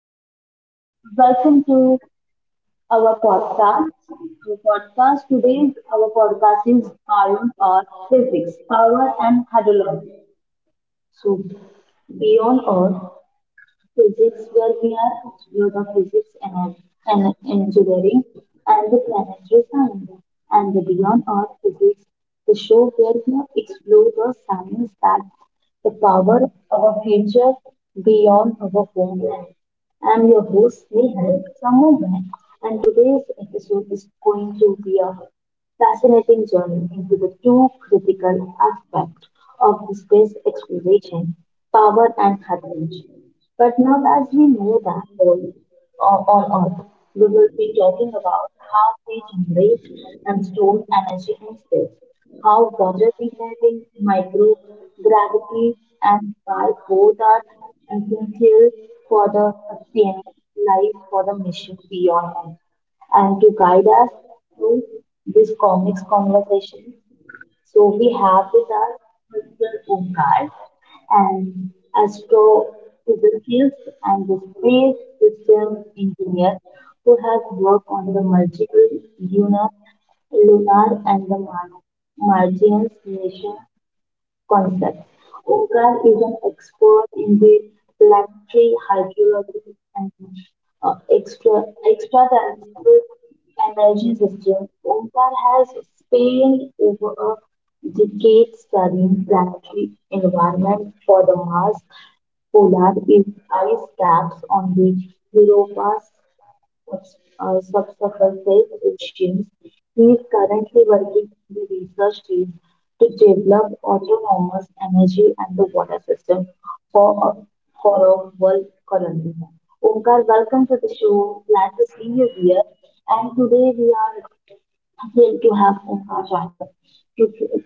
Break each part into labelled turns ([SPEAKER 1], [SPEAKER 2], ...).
[SPEAKER 1] Everyone, welcome to our podcast. Our podcast is on Earth physics, power and hydrology. So, beyond Earth, physics, where we are geophysics and engineering, and the planetary science, and the beyond earth physics, the show where we explore the science that the power our future beyond our home land. I'm your host, Nihal from Mumbai, and today's episode is going to be a fascinating journey into the two critical aspects of the space exploration, power and courage, but not as we know that all on Earth. We will be talking about how we generate and store energy in space, how water recycling, microgravity, and why both are essential for the sustaining life for the mission beyond Earth. And to guide us through this complex conversation, so we have with us Mr. Omkar and Astro physicist and the space system engineer who has worked on the multiple lunar and the Martian missions concepts. Oscar is an expert in the planetary hydrology and uh, extra extraterrestrial energy system. Omkar has spent over a decade studying planetary environment for the Mars polar is ice caps on the Europa's subsurface oceans. He is currently working in the research team to develop autonomous energy and the water system for a, for a world colony. Omkar, welcome to the show. Glad to see you here. And today we are thrilled to have Omkar join us. To-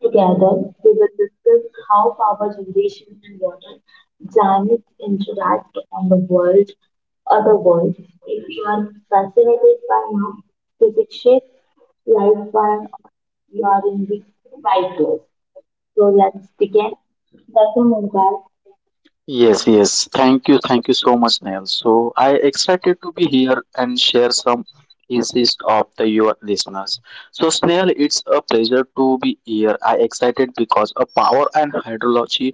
[SPEAKER 1] Together, we will discuss how power generation and water dynamics interact on the world, other world. If you are fascinated by how physics shape life by you are in the right place. So let's begin. That's a mobile.
[SPEAKER 2] Yes, yes. Thank you. Thank you so much, Neil. So I excited to be here and share some insights of the your listeners. So Snail, it's a pleasure to be here. I excited because of power and hydrology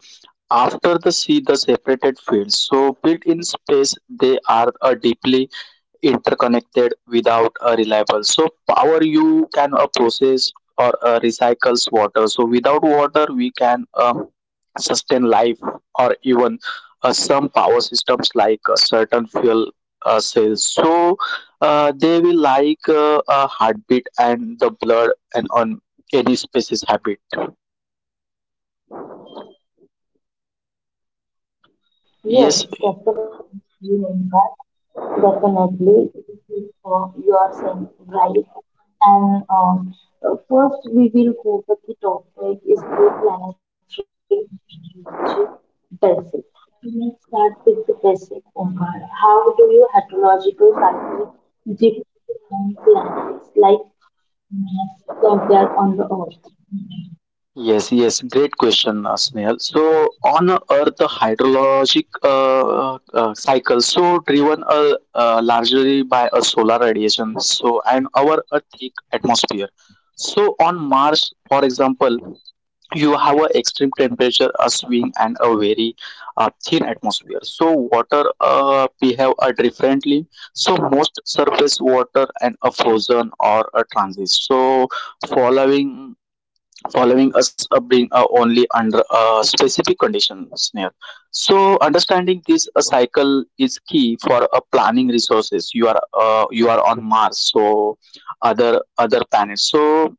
[SPEAKER 2] after the sea the separated fields. So built in space, they are a deeply interconnected without a reliable so power you can process or recycles water so without water we can sustain life or even some power systems like certain fuel cells so they will like a heartbeat and the blood and on any species habit.
[SPEAKER 1] Yes,
[SPEAKER 2] Yes,
[SPEAKER 1] definitely mobile. Definitely, you are saying right. And First, we will go with the topic is the planetary energy basic. Let's start with the basic, Omkar. How do you heterological cycle different planets like Mars compare on the Earth?
[SPEAKER 2] yes, yes, great question, snail. So on earth the hydrologic cycle so driven largely by a solar radiation so and our earth thick atmosphere so on mars, for example, you have a extreme temperature a swing and a very thin atmosphere so water behave differently so most surface water and a frozen or a transit so following following us being only under a specific conditions near so understanding this cycle is key for planning resources you are you are on mars so other planets so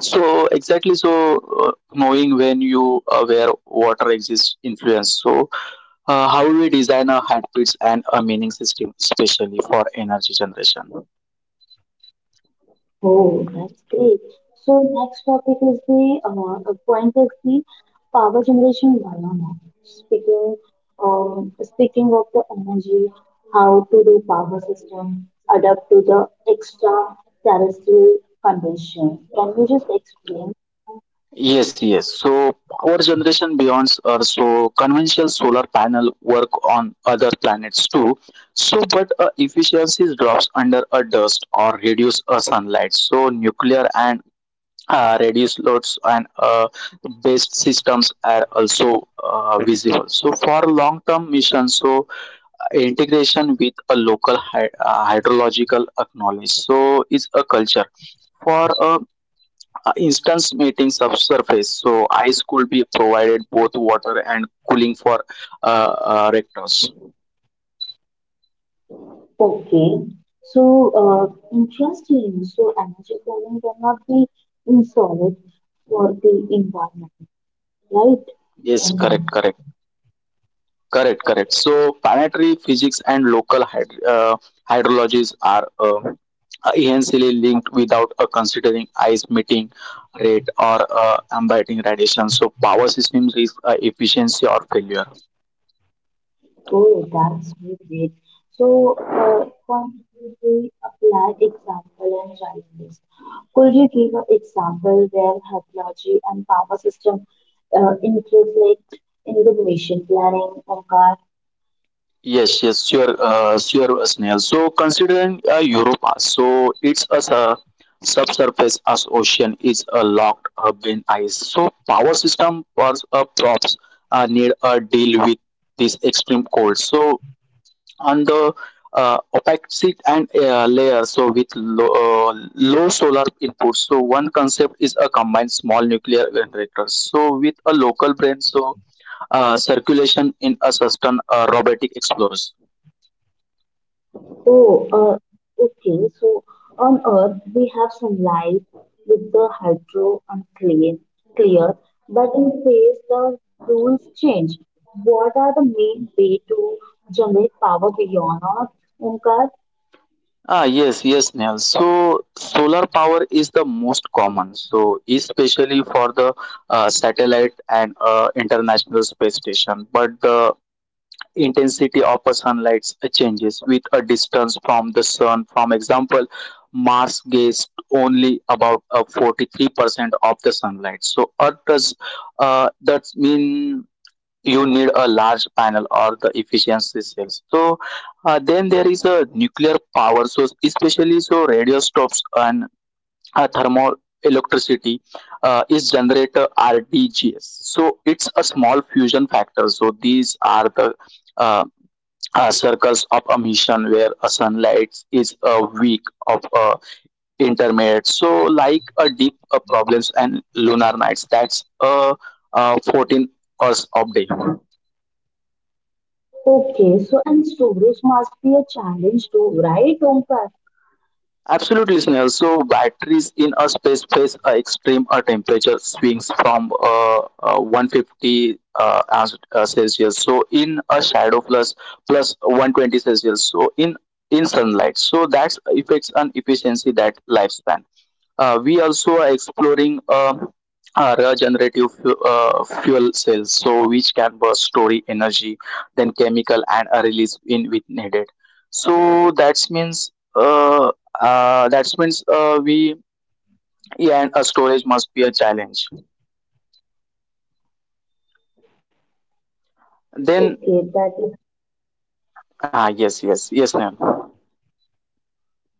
[SPEAKER 2] so exactly, so knowing when you where water exists influence. So how we design a heartbeats and a meaning system, especially for energy generation.
[SPEAKER 1] Oh, that's great. So next topic is the point is the power generation biomass. Speaking Speaking of the energy, how to do power system adapt to the extra terrestrial condition. Can you just explain?
[SPEAKER 2] Yes, yes. So power generation beyond Earth. So conventional solar panel work on other planets too. So, but efficiency drops under a dust or reduce a sunlight. So nuclear and reduced loads and based systems are also visible so for long term missions, so integration with a local hydrological knowledge so is a culture for a instance meeting subsurface so ice could be provided both water and cooling for rectors.
[SPEAKER 1] Okay. So interesting. So energy planning cannot be insolid for the environment, right?
[SPEAKER 2] Yes, correct,
[SPEAKER 1] Okay.
[SPEAKER 2] correct. Correct, correct. So planetary physics and local hydrologies are essentially linked without considering ice meeting rate or embedding radiation. So power systems is efficiency or failure.
[SPEAKER 1] Oh, that's so great. So, the point is we apply example and challenges. Could you give an example where technology and power system interrelate in the mission planning on car?
[SPEAKER 2] Yes, yes, sure, sure, Snail. So considering Europa, so it's a subsurface as ocean is locked up in ice. So power system for props need a deal with this extreme cold. So on the opacity and layer so with low, low solar input so one concept is a combined small nuclear generator so with a local brain so circulation in a certain robotic explorers.
[SPEAKER 1] Oh, okay. So, on Earth, we have sunlight with the hydro and clear, but in space, the rules change. What are the main way to generate power beyond Earth, Omkar?
[SPEAKER 2] Yes, yes, Neil. So solar power is the most common so especially for the satellite and international space station, but the intensity of a sunlight changes with a distance from the sun. For example, Mars gets only about 43% of the sunlight. So Earth does that mean you need a large panel or the efficiency cells. So then there is a nuclear power source, especially so radio stops and thermal electricity is generated RDGS. So it's a small fusion factor. So these are the uh, circles of emission where a sunlight is a weak of a intermediate so like a deep problems and lunar nights that's a uh, 14 hours of day.
[SPEAKER 1] Okay, so and storage must be a challenge too, right, Omkar?
[SPEAKER 2] Absolutely, Snell. So batteries in a space face extreme temperature swings from 150 Celsius. So in a shadow plus 120 Celsius. So in sunlight. So that affects an efficiency that lifespan. We also are exploring regenerative fuel cells, so which can burst, store energy, then chemical and release in with needed. So that means we, yeah, and a storage must be a challenge. Then
[SPEAKER 1] Okay, that is
[SPEAKER 2] yes, yes, yes, ma'am.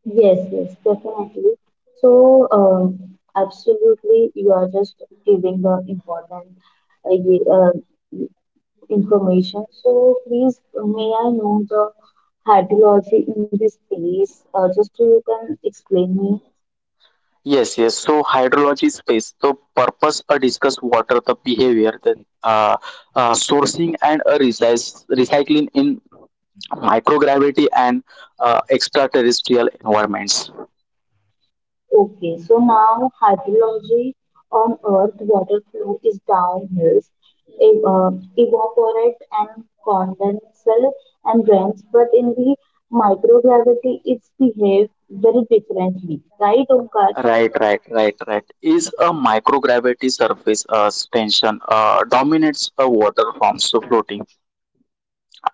[SPEAKER 1] yes, yes, definitely. So, absolutely, you are just giving the important uh, ye- uh, information. So, please, may I know the hydrology in this place? Just so you can explain me.
[SPEAKER 2] Yes, yes. So hydrology space. So purpose discuss water the behavior then sourcing and recycling in microgravity and extraterrestrial environments.
[SPEAKER 1] Okay, so now hydrology on Earth, water flow is downhills, ev- uh, evaporate and condensate and rains, but in the microgravity, it's behave very differently, right, Omkar?
[SPEAKER 2] Right, right, right, right. Is a microgravity surface tension dominates a water forms so floating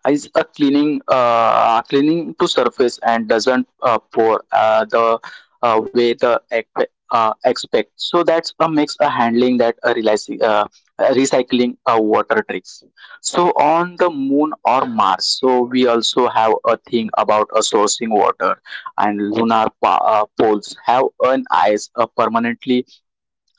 [SPEAKER 2] is a cleaning to surface and doesn't pour the way the expect so that's a mix a handling that a realizing recycling water tricks so on the moon or mars so we also have a thing about sourcing water and lunar poles have an ice permanently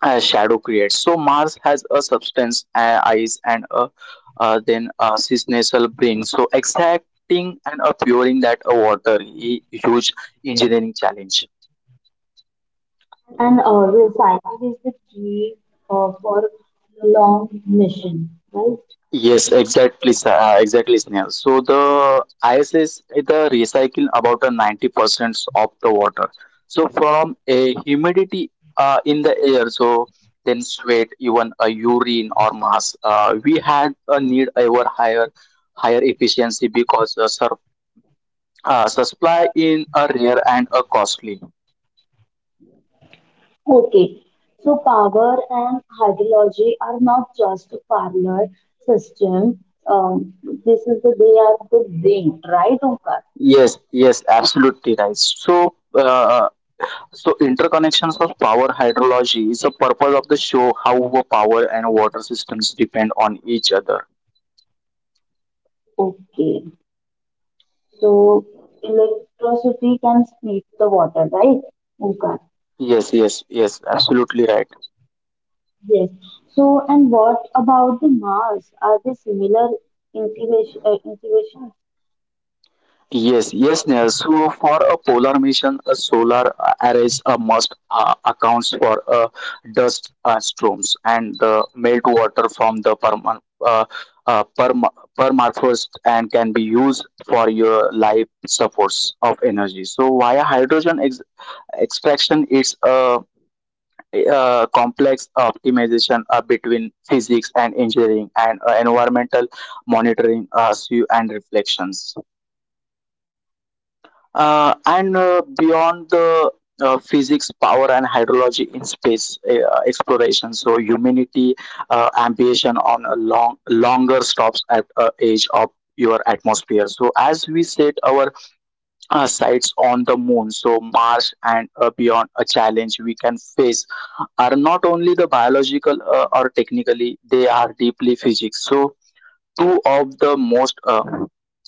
[SPEAKER 2] shadow creates. So Mars has a substance, eyes, and a then a cisnasal brain. So extracting and puring that water, a huge engineering challenge.
[SPEAKER 1] And recycling is the key for long mission, right?
[SPEAKER 2] Yes, exactly, sir. Exactly, Sneha. So the ice is recycle about a 90% of the water. So from a humidity in the air, so then sweat, even a urine or mass, we had a need ever higher efficiency because sur supply in a rare and a costly.
[SPEAKER 1] Okay, so power and hydrology are not just a parallel system. Um, this is the they are the link, right, Omkar?
[SPEAKER 2] Yes, yes, absolutely right. So, interconnections of power hydrology is the purpose of the show how power and water systems depend on each other.
[SPEAKER 1] Okay, so electricity can heat the water, right, Omkar?
[SPEAKER 2] Yes, yes, yes, absolutely right.
[SPEAKER 1] Yes. So, and what about the Mars? Are they similar integration? Integration?
[SPEAKER 2] Yes, yes, Neha. So, for a polar mission, a solar arrays must accounts for dust storms and the melt water from the uh, perma- permafrost and can be used for your life supports of energy. So, via hydrogen extraction, it's a complex optimization between physics and engineering and environmental monitoring and reflections, and beyond the physics power and hydrology in space exploration so humanity ambition on a longer stops at edge of your atmosphere so as we set our sites on the moon, so Mars and beyond, a challenge we can face are not only the biological or technically, they are deeply physics. So two of the most uh,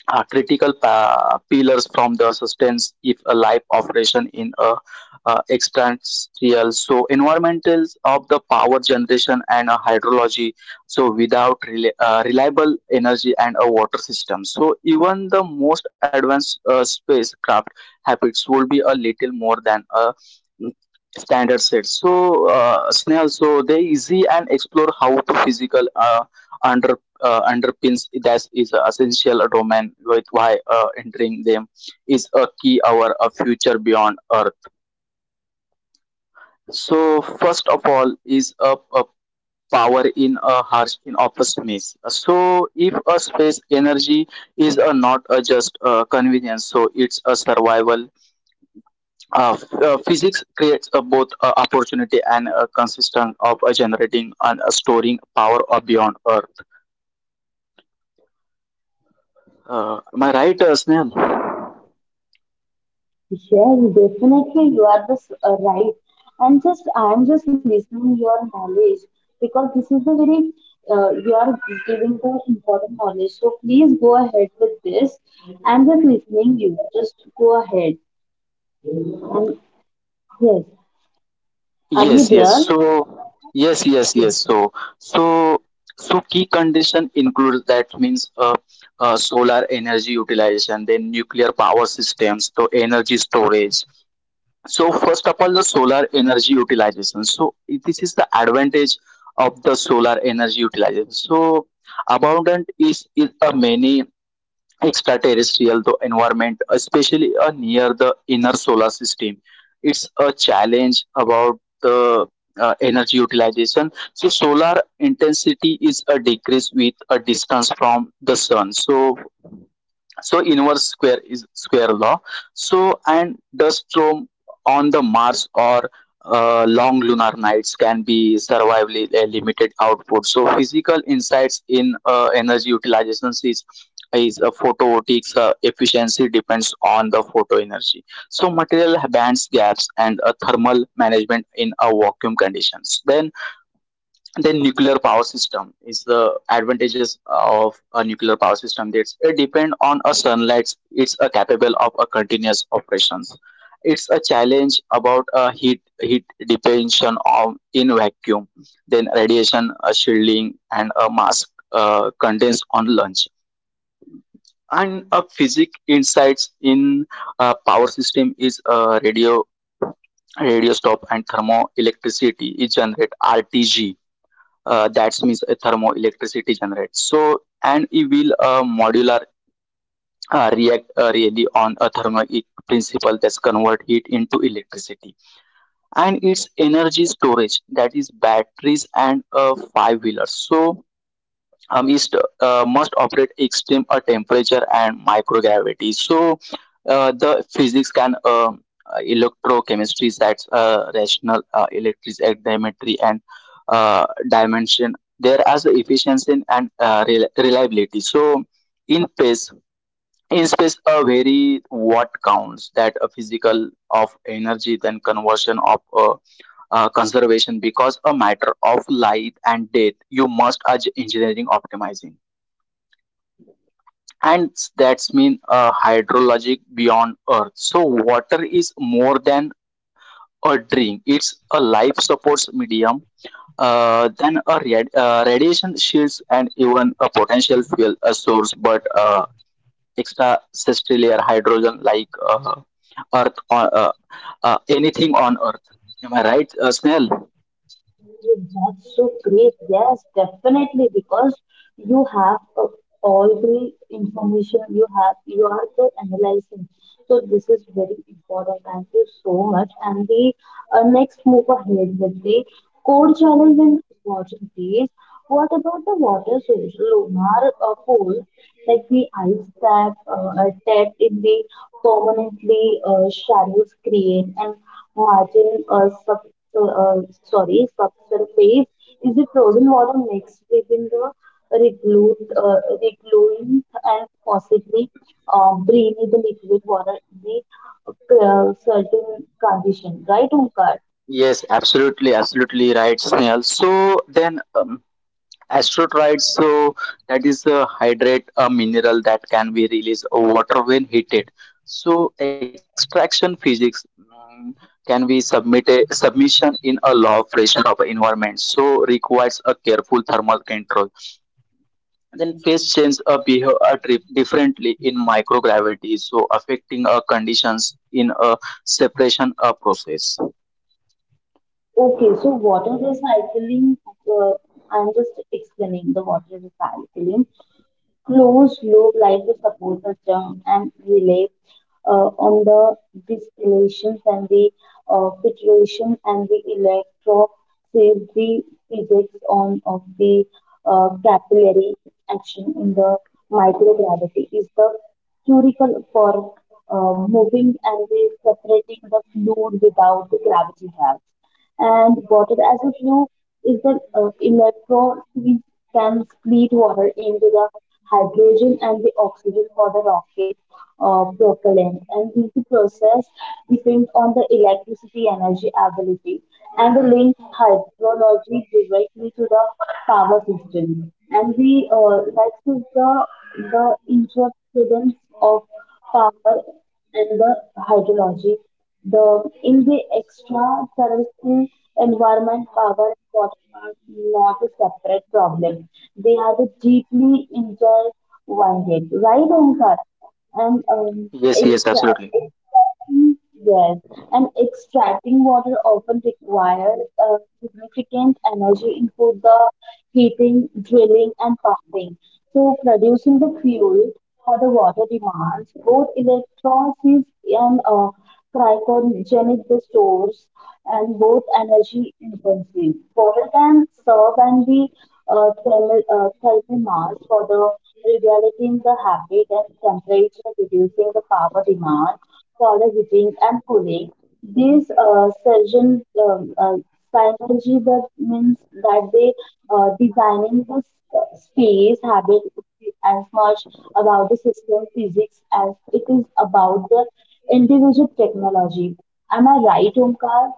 [SPEAKER 2] uh, critical pillars from the sustains if a life operation in a extraterrestrial so environmentals of the power generation and a hydrology so without reliable energy and a water system so even the most advanced spacecraft habits will be a little more than a standard set so snail so they easy and explore how to physical underpins that is essential domain with why entering them is a key our a future beyond earth so first of all is a power in a harsh in of space so if a space energy is a not a just a convenience so it's a survival. Physics creates both opportunity and consistent of generating and storing power beyond Earth. Am I right, Snail?
[SPEAKER 1] Yes, definitely you are just right. And just I'm just listening your knowledge because this is the very you are giving the important knowledge. So please go ahead with this. I'm just listening you. Just go ahead. And yes, are you
[SPEAKER 2] Yes, yes.
[SPEAKER 1] there?
[SPEAKER 2] So, yes, yes, yes.
[SPEAKER 1] Yes.
[SPEAKER 2] So, so, so key condition includes that means solar energy utilization, then nuclear power systems, so energy storage. So first of all, the solar energy utilization. So this is the advantage of the solar energy utilization. So abundant is a many extraterrestrial the environment, especially near the inner solar system. It's a challenge about the energy utilization. So solar intensity is a decrease with a distance from the sun. So so inverse square is square law so and dust storm on the mars or long lunar nights can be survivably limited output so physical insights in energy utilization is a photovoltaics efficiency depends on the photo energy so material bands gaps and a thermal management in a vacuum conditions then nuclear power system is the advantages of a nuclear power system that's it depend on a sunlight it's a capable of a continuous operations. It's a challenge about a heat dependency on in vacuum, then radiation shielding and a mass condensed on lunch and a physics insights in a power system is a radio stop and thermoelectricity is generate rtg, that means a thermoelectricity generates so and it will modular react really on a thermic principle that's convert heat into electricity and its energy storage that is batteries and five wheelers so is must operate extreme temperature and microgravity. So the physics can electrochemistry, that's rational electric and dimension there as efficiency and reliability, so in phase in space, a very what counts that a physical of energy, then conversion of a conservation, because a matter of life and death, you must urge engineering optimizing and that's mean a hydrologic beyond Earth. So water is more than a drink, it's a life supports medium, than a radiation shields and even a potential fuel a source, but extracellular hydrogen like earth on anything on earth. Am I right, Snail?
[SPEAKER 1] That's so great. Yes, definitely, because you have all the information you have, you are the analyzing. So this is very important. Thank you so much. And the next move ahead with the core challenge and opportunities. What about the water source, lunar pool, like the ice that are trapped in the permanently shadow screen and margin sorry, subsurface is the frozen water mixed within the recluse and possibly breathe the liquid water in the certain condition, right, Omkar?
[SPEAKER 2] Yes, absolutely, absolutely right, Snail. So then astrotrite. So that is a hydrate, a mineral that can be released water when heated. So extraction physics, can be submitted submission in a law of pressure of environment, so requires a careful thermal control. Then phase change behave differently in microgravity, so affecting conditions in a separation process.
[SPEAKER 1] Okay, so water recycling, uh, I'm just explaining the water recycling. Closed loop like the support system and relay on the distillations and the filtration and the electro the physics on of the capillary action in the microgravity is the curicle for moving and the separating the fluid without the gravity trap and water as a flue is the electron which can split water into the hydrogen and the oxygen for the rocket propellant. And this process depends on the electricity energy ability and the link hydrology directly to the power system. And we like to the interference of power and the hydrology. The in the extraterrestrial environment, power, and water are not a separate problem. They are deeply intertwined, right, Omkar? And um,
[SPEAKER 2] Yes, yes,
[SPEAKER 1] exa-
[SPEAKER 2] absolutely.
[SPEAKER 1] Yes, and extracting water often requires significant energy input, the heating, drilling, and pumping. So, producing the fuel for the water demands both electrolysis and cryogenic stores, and both energy intensive. Water can serve and be thermal mass for the regulating the habit and temperature, reducing the power demand for the heating and cooling. These surgeon synergy that means that they designing the space habit as much about the system physics as it is about the individual technology. Am I right, Omkar?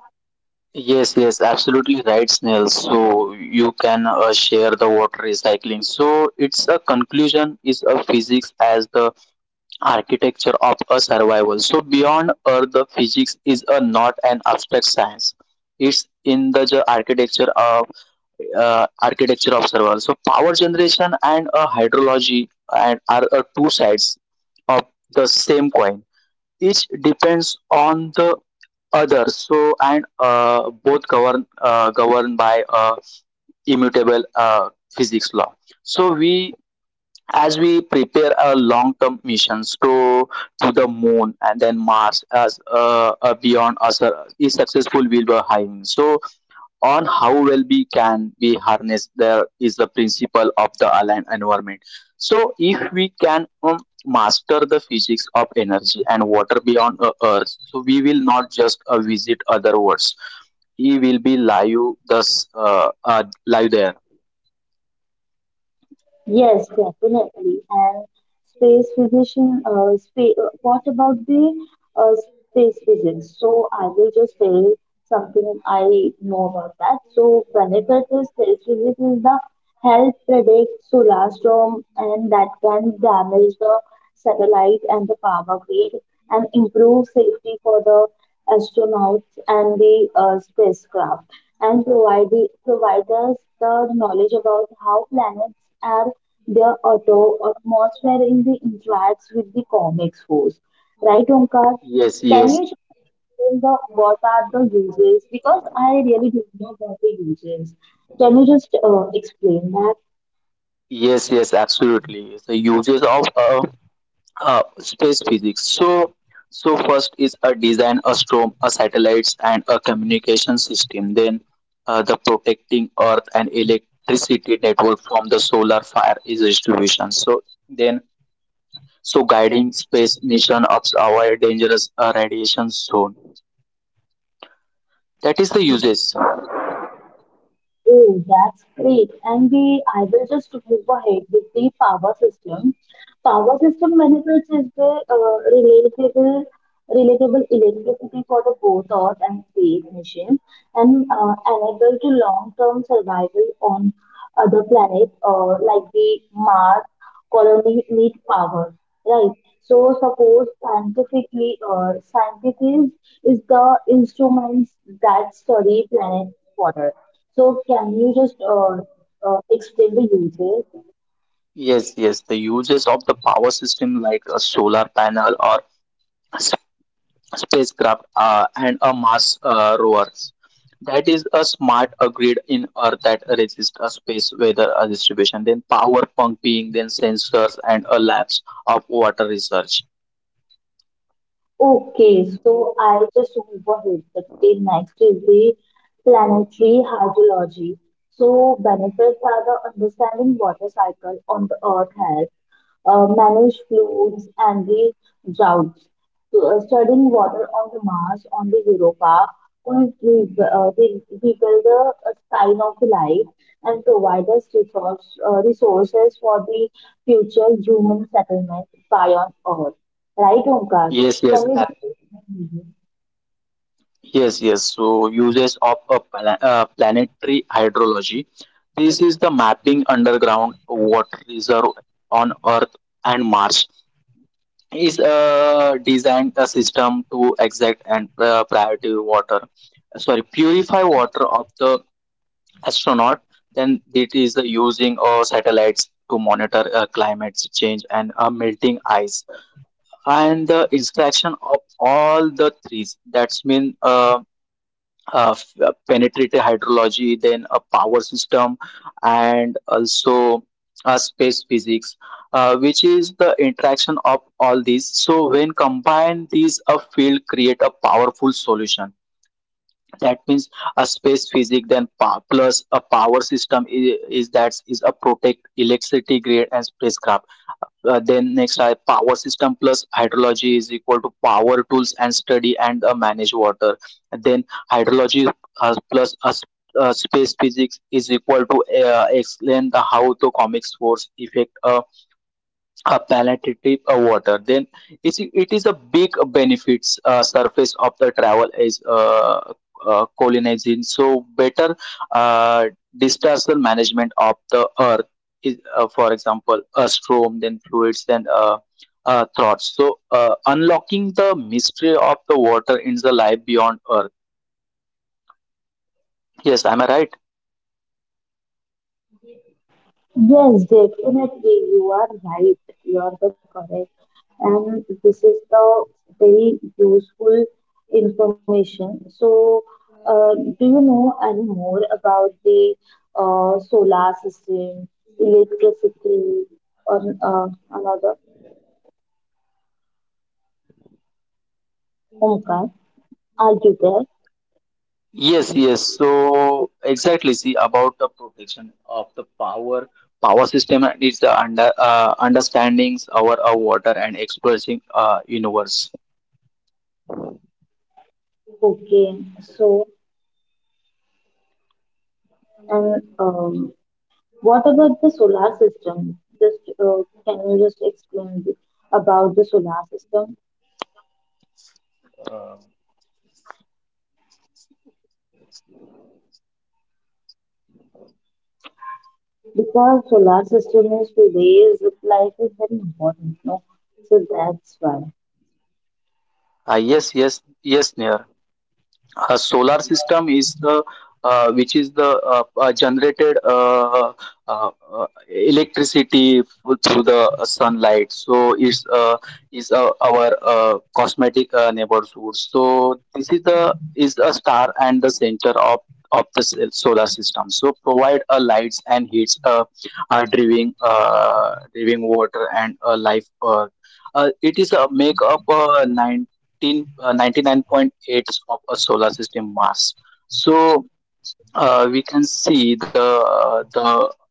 [SPEAKER 2] Yes, yes, absolutely right, Snail. So you can share the water recycling. So it's a conclusion is a physics as the architecture of a survival. So beyond Earth, the physics is a not an abstract science. It's in the architecture of architecture of survival. So power generation and a hydrology and are two sides of the same coin. Each depends on the other. So and both govern governed by immutable physics law. So we as we prepare our long-term missions to the moon and then Mars as beyond us is successful we be having. So on how well we can we harness there is the principle of the aligned environment. So if we can master the physics of energy and water beyond Earth, so we will not just visit other worlds. We will be live thus uh, uh, live there.
[SPEAKER 1] Yes, definitely. And space physician, spa what about the space physics? So I will just say something I know about that. So benefit is space physics is the help predict solar storm and that can damage the satellite and the power grid and improve safety for the astronauts and the spacecraft and provide the providers the knowledge about how planets are their auto atmosphere in the interacts with the comics force. Right, Omkar?
[SPEAKER 2] Yes,
[SPEAKER 1] Can
[SPEAKER 2] yes.
[SPEAKER 1] you explain the what are the uses? Because I really don't know about the uses. Can you just explain
[SPEAKER 2] Yes,
[SPEAKER 1] that?
[SPEAKER 2] yes, absolutely. It's the uses of space physics. So, so first is a design, a storm, a satellites, and a communication system. Then, the protecting Earth and electricity network from the solar fire is distribution. So then, so guiding space mission of our dangerous radiation zone. That is the uses.
[SPEAKER 1] Oh, that's great. And the I will just move ahead with the power system. Power system benefits is the relatable electricity for the both earth and space mission, and enable to long-term survival on other planet like the Mars colony need power, right? So suppose scientific is the instruments that study planet water so can you just explain the usage?
[SPEAKER 2] Yes, yes, the uses of the power system, like a solar panel or spacecraft and a Mars rovers. That is a smart a grid in Earth that resists a space weather distribution, then power pumping, then sensors and a labs of water research.
[SPEAKER 1] Okay, so I just overheard the thing next is the planetary hydrology. So benefits are the understanding water cycle on the earth has manage floods and the droughts. So, studying water on the Mars, on the Europa, could rebuild the sign of life and provide us resources for the future human settlement beyond Earth. Right, Omkar?
[SPEAKER 2] Yes, yes,
[SPEAKER 1] Can you
[SPEAKER 2] ab-
[SPEAKER 1] repeat?
[SPEAKER 2] yes, yes. So uses of a planetary hydrology. This is the mapping underground water reserve on Earth and Mars is designed a system to exact and priority water, sorry, purify water of the astronaut. Then it is using satellites to monitor climate change and melting ice and the interaction of all the three, that's mean uh, penetrative hydrology, then a power system, and also space physics, which is the interaction of all these. So when combine these, a field create a powerful solution, that means a space physics then power plus a power system is that is a protect electricity grid and spacecraft. Then next I power system plus hydrology is equal to power tools and study and manage water. And then hydrology plus a space physics is equal to explain the how the comic force effect a palliative water. Then it is a big benefits surface of the travel is colonizing, so better uh, disaster management of the earth is for example a storm, then fluids, then thoughts. So unlocking the mystery of the water in the life beyond earth. Yes, am I right?
[SPEAKER 1] Yes, definitely. You are right. You are the correct. And this is the very useful information. So, do you know any more about the solar system, electricity, or another? Omkar, are you there?
[SPEAKER 2] Yes, yes. So exactly, see about the protection of the power power system and its understandings our water and expressing universe.
[SPEAKER 1] Okay, so and what about the solar system? Just can you just explain about the solar system? Because solar system is today's life is very important, no? So that's why.
[SPEAKER 2] Yes, yes, yes, Neer. Solar system is the which is the generated electricity through the sunlight. So it's is our cosmetic neighbor source. So this is the is a star and the center of the solar system. So provide a lights and heats, driving driving water and a life. It is a make up nine 19 99.8 of a solar system mass. So we can see the the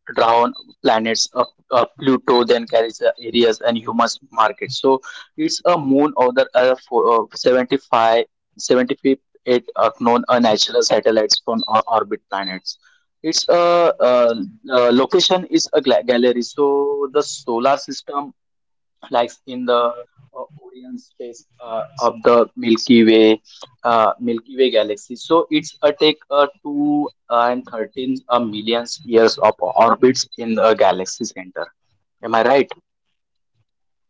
[SPEAKER 2] drown planets of Pluto, then carries areas and humans market. So it's a moon of the earth for, 75 75 eight known unnatural satellites from our orbit planets. Its location is a gallery. So the solar system like in the Orion space of the Milky Way, Milky Way galaxy. So it's a take 2.13 millions years of orbits in the galaxy center. Am I right?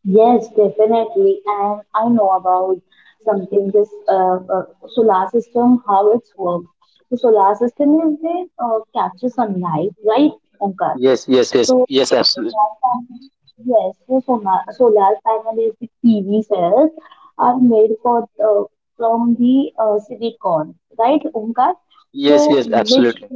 [SPEAKER 1] Yes, definitely. And I know about something this solar system, how it's works. The solar system is they capture sunlight, right, Omkar?
[SPEAKER 2] Yes, yes, yes,
[SPEAKER 1] So
[SPEAKER 2] yes, absolutely.
[SPEAKER 1] solar panel, yes, the solar panel is the PV cells are made for from the silicon, right, Omkar?
[SPEAKER 2] Yes,
[SPEAKER 1] So
[SPEAKER 2] yes,
[SPEAKER 1] which
[SPEAKER 2] absolutely.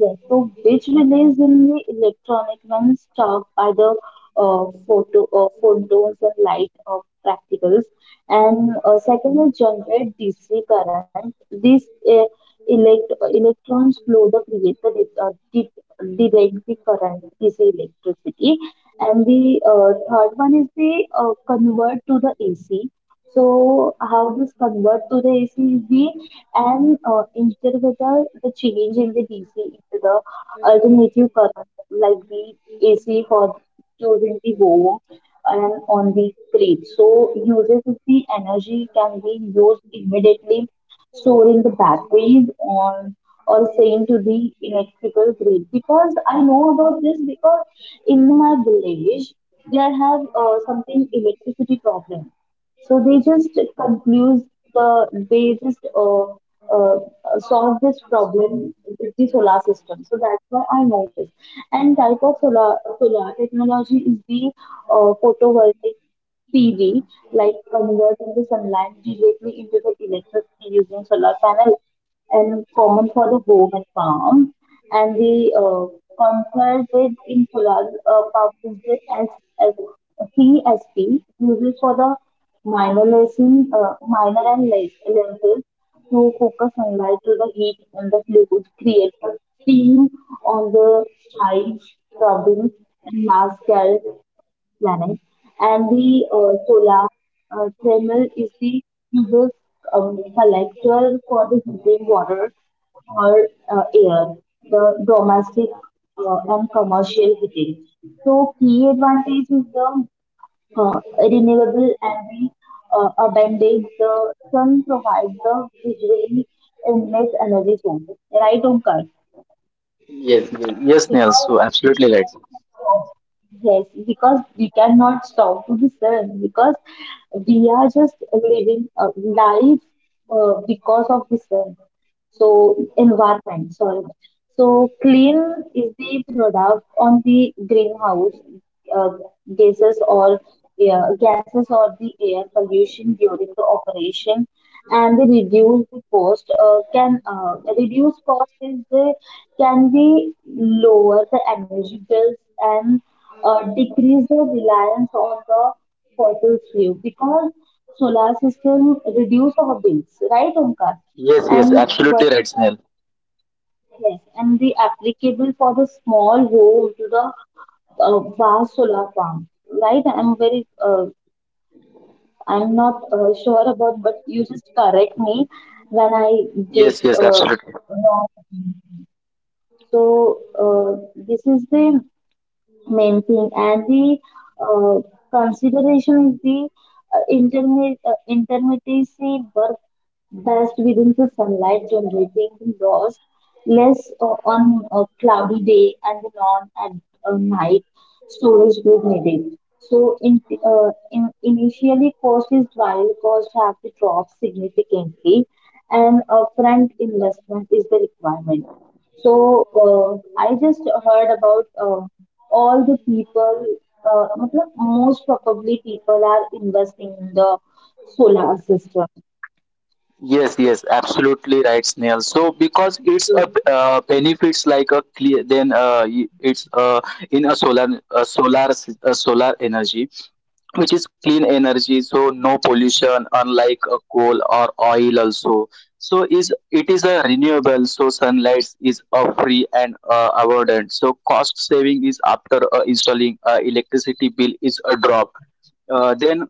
[SPEAKER 1] Yes, so which relays in the electronic when stopped by the photons and light of practicals, and second is generate DC current. These electrons flow the creator direct the current DC electricity, and the third one is the convert to the AC. So how this convert to the AC? We and instead of the change in the DC into the alternative current, like the AC for choosing the home and on the grid. So uses of the energy can be used immediately, stored in the batteries on or sent to the electrical grid. Because I know about this because in my village there have something electricity problem. So they just confuse the they just solve this problem with the solar system. So that's why I know this. And type of solar solar technology is the photovoltaic PV, like converting the sunlight directly into the electricity using solar panels, and common for the home and farm. And the converted in solar power project as CSP, uses for the minor and less lenses to focus sunlight to the heat and the fluid create a steam on the child, robins, and Mars planet and the solar thermal is the hugest collector for the heating water or air, the domestic and commercial heating. So key advantage is the renewable and the abundant. The sun provides the visually endless energy source. Right, Omkar?
[SPEAKER 2] Yes, yes, yes, Snail.
[SPEAKER 1] Because
[SPEAKER 2] So
[SPEAKER 1] we
[SPEAKER 2] absolutely right.
[SPEAKER 1] cannot stop. Yes, because we cannot stop to be served because we are just living a life because of the sun. So environment, sorry. So clean is the product on the greenhouse uh, gases or the air pollution during the operation, and the reduce the cost can reduce cost is the can we lower the energy bills and decrease the reliance on the fossil fuel because solar system reduce our bills, right, Omkar?
[SPEAKER 2] Yes, yes,
[SPEAKER 1] And what
[SPEAKER 2] absolutely right, Snail.
[SPEAKER 1] yes, and the applicable for the small home to the vast solar farm, right? I'm not sure about, but you just correct me when I did
[SPEAKER 2] Yes, yes, absolutely.
[SPEAKER 1] wrong. So this is the main thing and the uh, consideration is the intermittency work best within the sunlight generating the loss, less on a cloudy day and then on at night storage was needed. So initially cost is while cost have to drop significantly and upfront investment is the requirement. So I just heard about all the people, मतलब most probably people are investing in the solar system.
[SPEAKER 2] Yes, yes, absolutely right, Snail. So because it's a benefits like a clear, then it's in a solar energy, which is clean energy. So no pollution, unlike a coal or oil also. So is it is a renewable. So sunlight is a free and abundant. So cost saving is after installing electricity bill is a drop. Then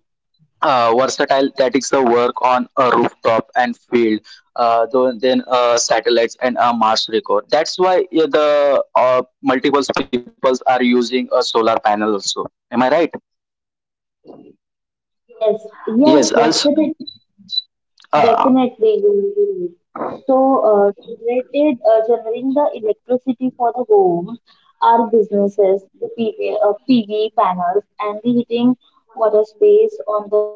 [SPEAKER 2] versatile that is the work on a rooftop and field though, then satellites and a mars record. That's why the multiple peoples are using a solar panel also. Am I right?
[SPEAKER 1] Yes,
[SPEAKER 2] Yes
[SPEAKER 1] yes,
[SPEAKER 2] also,
[SPEAKER 1] definitely,
[SPEAKER 2] uh,
[SPEAKER 1] definitely you will. So, generating the electricity for the homes, our businesses, PV panels, and the heating water space on the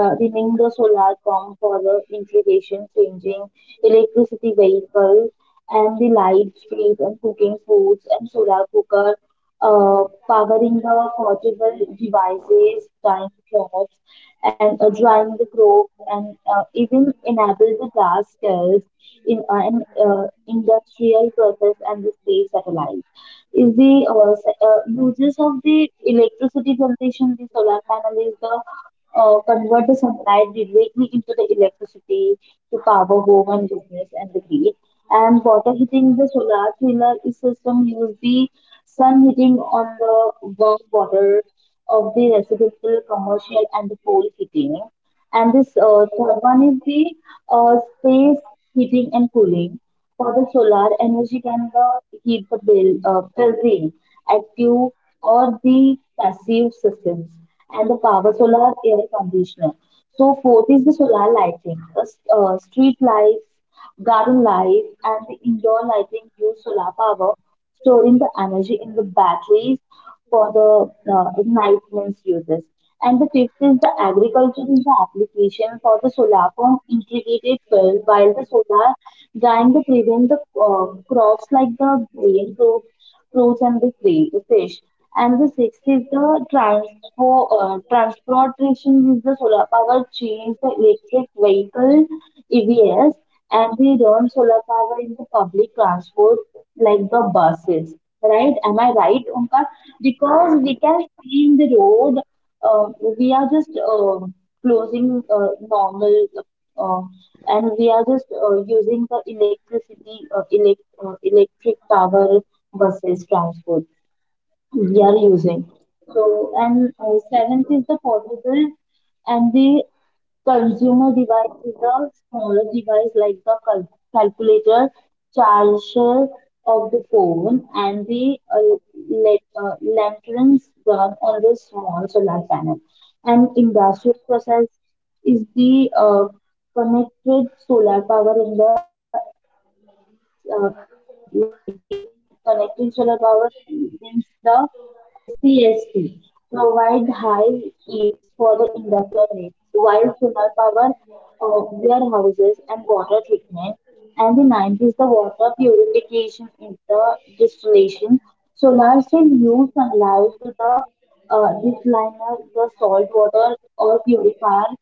[SPEAKER 1] running the solar pump for the irrigation, changing electricity vehicle, and the light, street, and cooking foods, and solar cooker, uh, powering the portable devices, time clocks and drawing the rope and even enable the gas cells in an industrial process and the space satellite is the uses of the electricity generation. The solar panel is the convert the sunlight directly into the electricity to power home and business and the grid. And water heating, the solar chiller is system use the sun heating on the warm water of the residential, commercial, and the coal heating. And this third one is the space heating and cooling. For the solar energy can the heat building, active or the passive systems, and the power solar air conditioner. So fourth is the solar lighting, street lights, garden lights, and the indoor lighting use solar power, storing the energy in the batteries for the night means uses. And the fifth is the agriculture is the application for the solar from integrated field, while the solar trying to prevent the crops like the grain, fruits and the free- fish. And the sixth is the transportation is the solar power change the electric vehicle EVs and they run solar power in the public transport like the buses, right? Am I right, Omkar? Because we can see in the road, uh, we are just closing normal uh, and we are just using the electricity electric power buses transport we are using so and seventh is the portable and the consumer device is a smaller device like the calculator charger of the phone and the lanterns run on the small solar panel an industrial process is the connected solar power in the uh, like the connected solar power means the CSP provide high heats for the industrial needs, while solar power warehouses and water treatment. And the ninth is the water purification in the distillation. Solar still use sunlight to the desaliner the salt water or purifier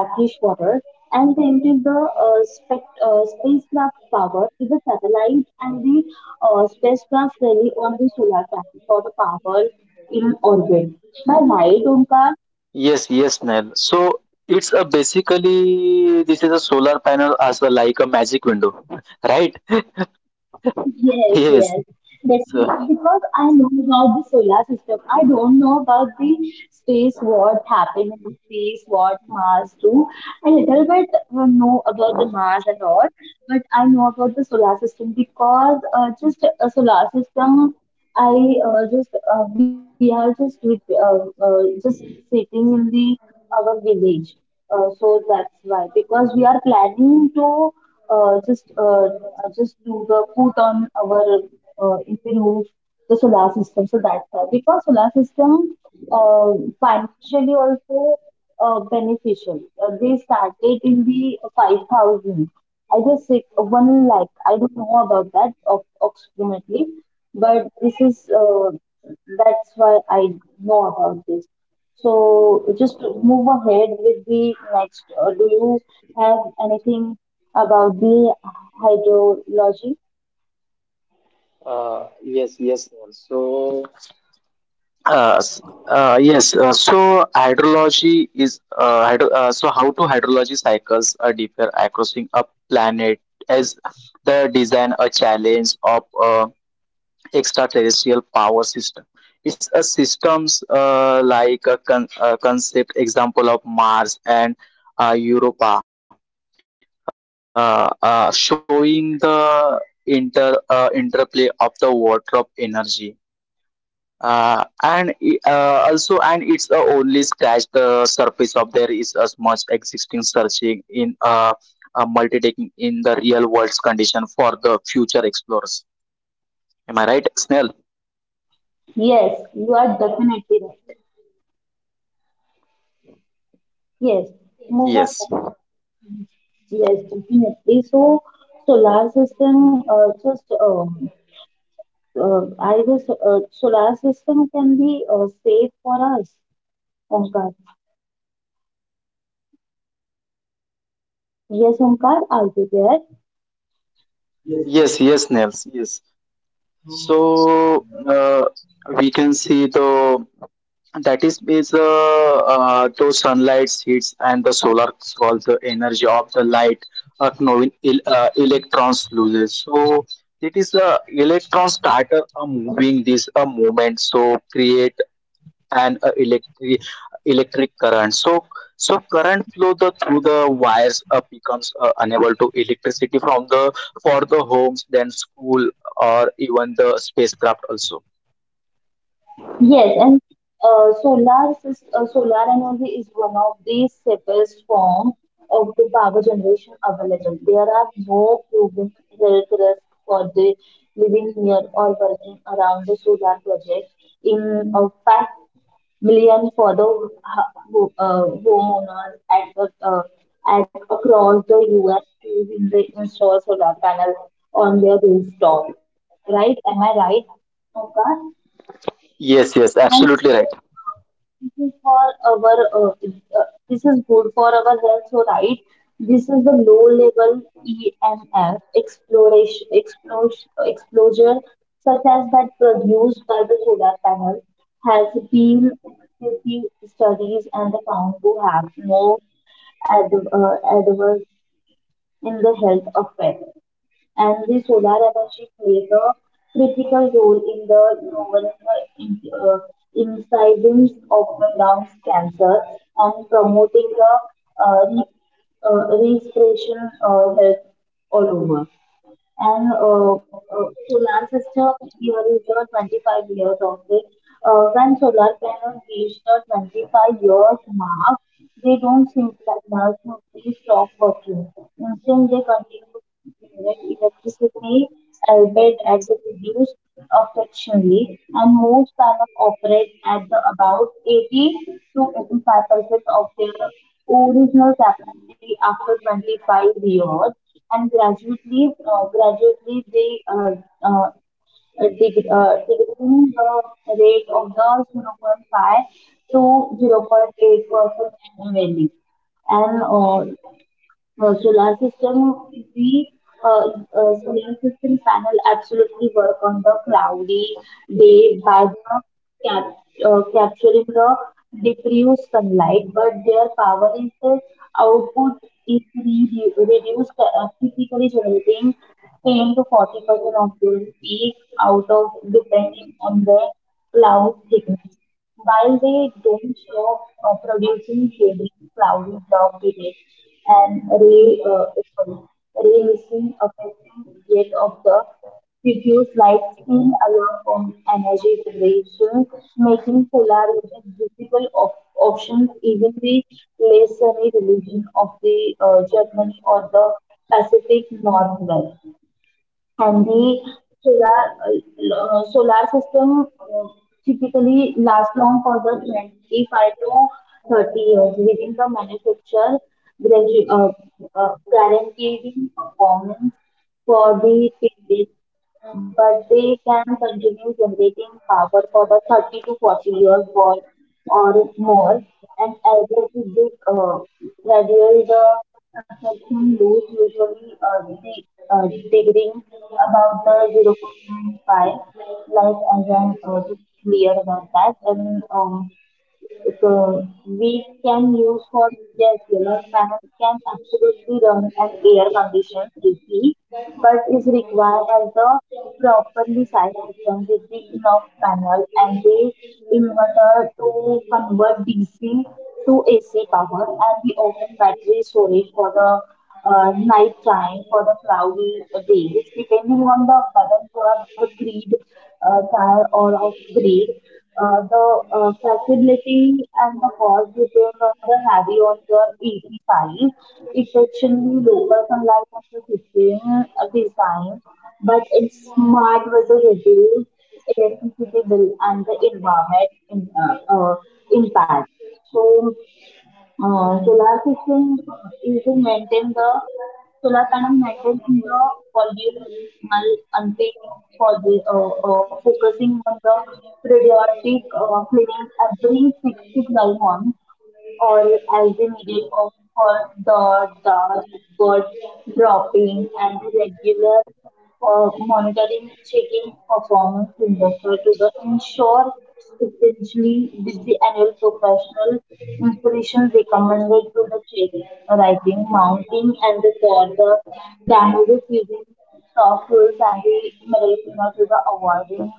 [SPEAKER 1] brackish water, and they emptied the spacecraft power to the satellite, and the spacecraft rally on the solar panel for the power in orbit.
[SPEAKER 2] yes, yes, Nell. So it's a basically this is a solar panel as a, like a magic window right
[SPEAKER 1] Yes,
[SPEAKER 2] yes.
[SPEAKER 1] yes.
[SPEAKER 2] So
[SPEAKER 1] Definitely. Because I know about the solar system. I don't know about the space, what happened in the space, what Mars do. I little bit know about the Mars and all, but I know about the solar system because just a solar system, I we are just, just sitting in the, our village. So that's why, because we are planning to uh, just uh, just to the put on our improve the solar system. So that's why because solar system uh, financially also beneficial. They started in the 5,000. I guess six, one lakh. I don't know about that of approximately, but this is that's why I know about this. So just move ahead with the next. Do you have anything about the hydrology.
[SPEAKER 2] yes, yes, Nell. So Uh, s- yes, so hydrology is so how do hydrology cycles differ across a planet as the design a challenge of extraterrestrial power system. It's a systems like a concept example of Mars and Europa, showing the interplay of the water of energy and also, and it's only scratch the surface of. There is as much existing searching in uh, taking in the real world's condition for the future explorers. Am I right, Snell?
[SPEAKER 1] Yes, you are definitely right. Yes, move on.
[SPEAKER 2] Yes,
[SPEAKER 1] Yes, definitely. So, solar system just I guess solar system can be safe for us. Omkar. Yes, Omkar, are you there?
[SPEAKER 2] yes, yes, Snails, yes. So we can see the, and that is those sunlight hits and the solar solves the energy of the light, knowing electrons loses. So it is electron starter moving this movement, so create an electric electric current. So so current flow the through the wires becomes unable to electricity from the for the homes, then school, or even the spacecraft also.
[SPEAKER 1] Yes, and solar energy is one of the safest form of the power generation available. There are no proven health risks for the living near or working around the solar project. In fact, millions for the homeowners at at across the U.S. to in- install solar panels on their rooftop. Right? Am I right, Omkar?
[SPEAKER 2] Yes, yes,
[SPEAKER 1] And
[SPEAKER 2] absolutely right.
[SPEAKER 1] this is for our this is good for our health so right this is the low level emf exploration explosion exposure such as that produced by the solar panel has been extensive studies and the found to have no adverse in the health of parents. And the solar energy plays a critical role in the lowering the incidence of the lung cancer and promoting the uh, re- respiration health all over. And solar system here is the 25 years of it. When solar panels reach the 25 years mark, they don't think that now to stop working. Instead, they continue to generate electricity, albeit at the reduced affectionally, and most panels operate at the about 80 to 85% of their original capacity after 25 years and graduate leave, they uh, decreasing the rate of the 0.5 to 0.8% annually. And uh, solar system we uh, solar system panel absolutely work on the cloudy day by the cap- capturing the diffuse sunlight but their power is the output is re- reduced typically generating 10 to 40% of their peak out of depending on the cloud thickness while they don't stop producing shady cloudy block today and sorry, ray missing affecting rate of the diffuse light still allow from energy generation, making solar regions visible op- options even the less sunny region of the Germany or the Pacific Northwest and the solar system typically lasts long for the 25 to 30 years within the manufacture gradu- uh, guaranteeing performance for the period, but they can continue generating power for the 30 to 40 years or more, and as if they graduate the affection loss usually the digging about the 0.5 like as I'm just clear about that and the, we can use for yes solar panels can absolutely run an air conditioned AC but is required as a properly sized system with the enough panel and the inverter to convert DC to AC power and the often battery storage for the night time for the cloudy days, depending on the weather for the grid tire or of grid. The flexibility and the cost depend on the heavy on your EV Effectively especially local sunlight on the system design, but it's smart with the reduce electricity bill and the environment impact. So solar system is to maintain the solar panel maintaining the volume unpaid for the focusing on the periodic cleaning every 6 to 12 months all as the middle of her the dust bird dropping and regular monitoring checking performance investor to the ensure essentially with the annual professional inspiration recommended to the trading, writing, mounting and the for the damages using soft tools and the medical to the avoiding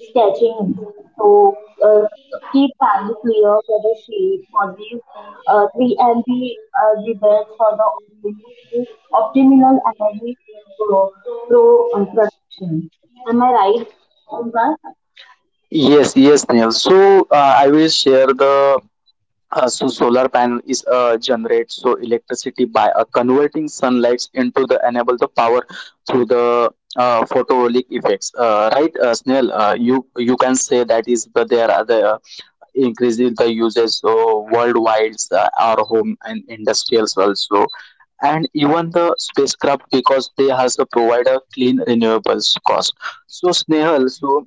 [SPEAKER 1] sketching to uh, keep Panu clear whether she forgive three and the debates for the optimal optimal energy pro, production. Am I right? Olga?
[SPEAKER 2] Yes, yes, Snail. So I will share the so solar panel is generate so electricity by converting sunlight into the enable the power through the photovoltaic effects. Right, Snell? You, you can say that is the there are the increasing the usage so worldwide our home and industrials also, and even the spacecraft, because they has a provider clean renewables cost. So Snehal, so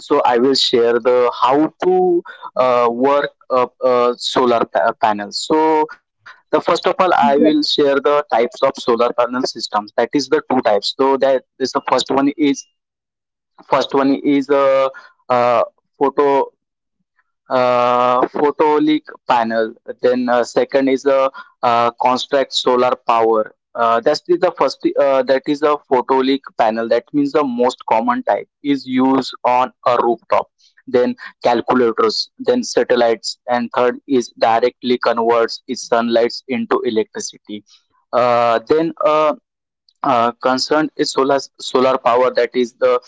[SPEAKER 2] so I will share the how to work solar panels. So the first of all, I will share
[SPEAKER 1] Yes,
[SPEAKER 2] the types of solar panel systems. That is the two types. So that is the first one is first one is uh, uh, photo, photovoltaic panel. Then second is a construct solar power. That is the first. That is a photovoltaic panel. That means the most common type is used on a rooftop. Then calculators, then satellites, and third is directly converts its sunlight into electricity. Then Concerned is solar power. That is the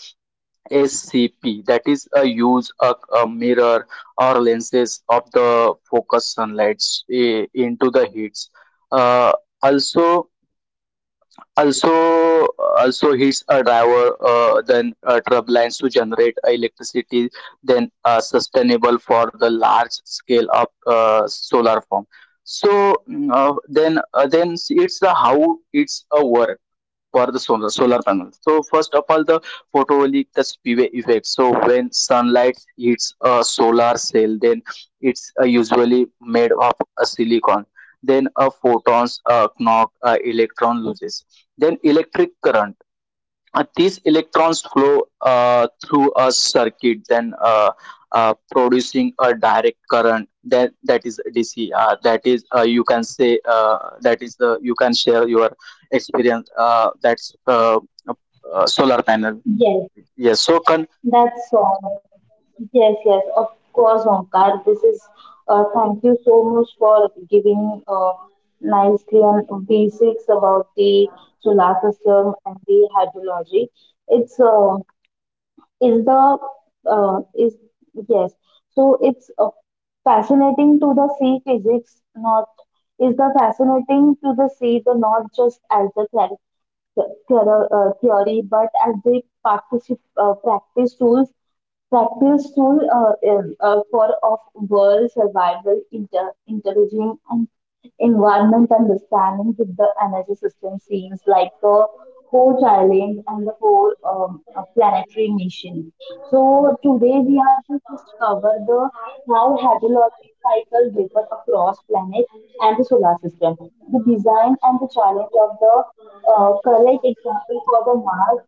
[SPEAKER 2] SCP, that is a use a mirror or lenses of the focus sunlight into the heats. Uh, also, also, Also heats a driver, then turbines to generate electricity, then sustainable for the large scale of solar farm. So then it's the how it's a work for the solar, solar panels. So first of all, the photovoltaic the PV effect. So when sunlight hits a solar cell, then it's usually made of a silicon. Then a photons knock, electron loses. Then electric current, these electrons flow through a circuit, then producing a direct current, that that is dc, that is, you can say, that is the you can share your experience that's solar panel.
[SPEAKER 1] yes,
[SPEAKER 2] Yes, so con-
[SPEAKER 1] That's all. Yes, yes, of course, Omkar. This is thank you so much for giving nicely and basics about the solar system and the hydrology. It's is the is yes. So it's fascinating to the see physics, not is the fascinating to the see the not just as the theory, but as they practice tools, practice tool for of world survival, intelligent and environment understanding with the energy system seems like the core challenge and the core planetary mission. So today we are to just cover the how hydrologic cycle differ across planet and the solar system, the design and the challenge of the correct example for the Mars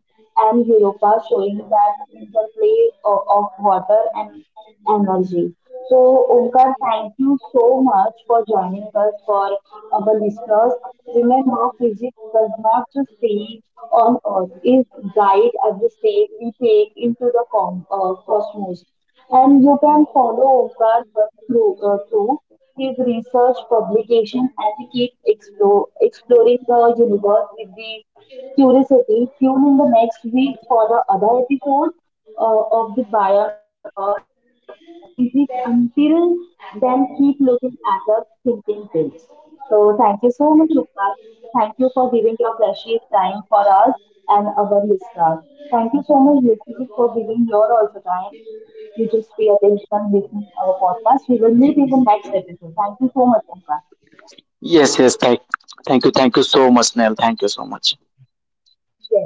[SPEAKER 1] and Europa, showing that interplay of water and energy. So, Omkar, thank you so much for joining us for our listeners. Remember, physics does not just stay on Earth, it guide every step we take into the cosmos. And you can follow Omkar through his research publication advocates exploring the universe with the curiosity. Tune in the next week for the other episode of the Bio Earth Physics. Until then, keep looking at the thinking place. So, thank you so much, Rupa. Thank you for giving your precious time for us and our listeners. Thank you so much, listeners, for giving your also time you just pay attention, listen our podcast. We will meet in the next episode. Thank you so much, Omkar.
[SPEAKER 2] yes, yes, thank, thank you, thank you so much, Neil, thank you so much.
[SPEAKER 1] Yes.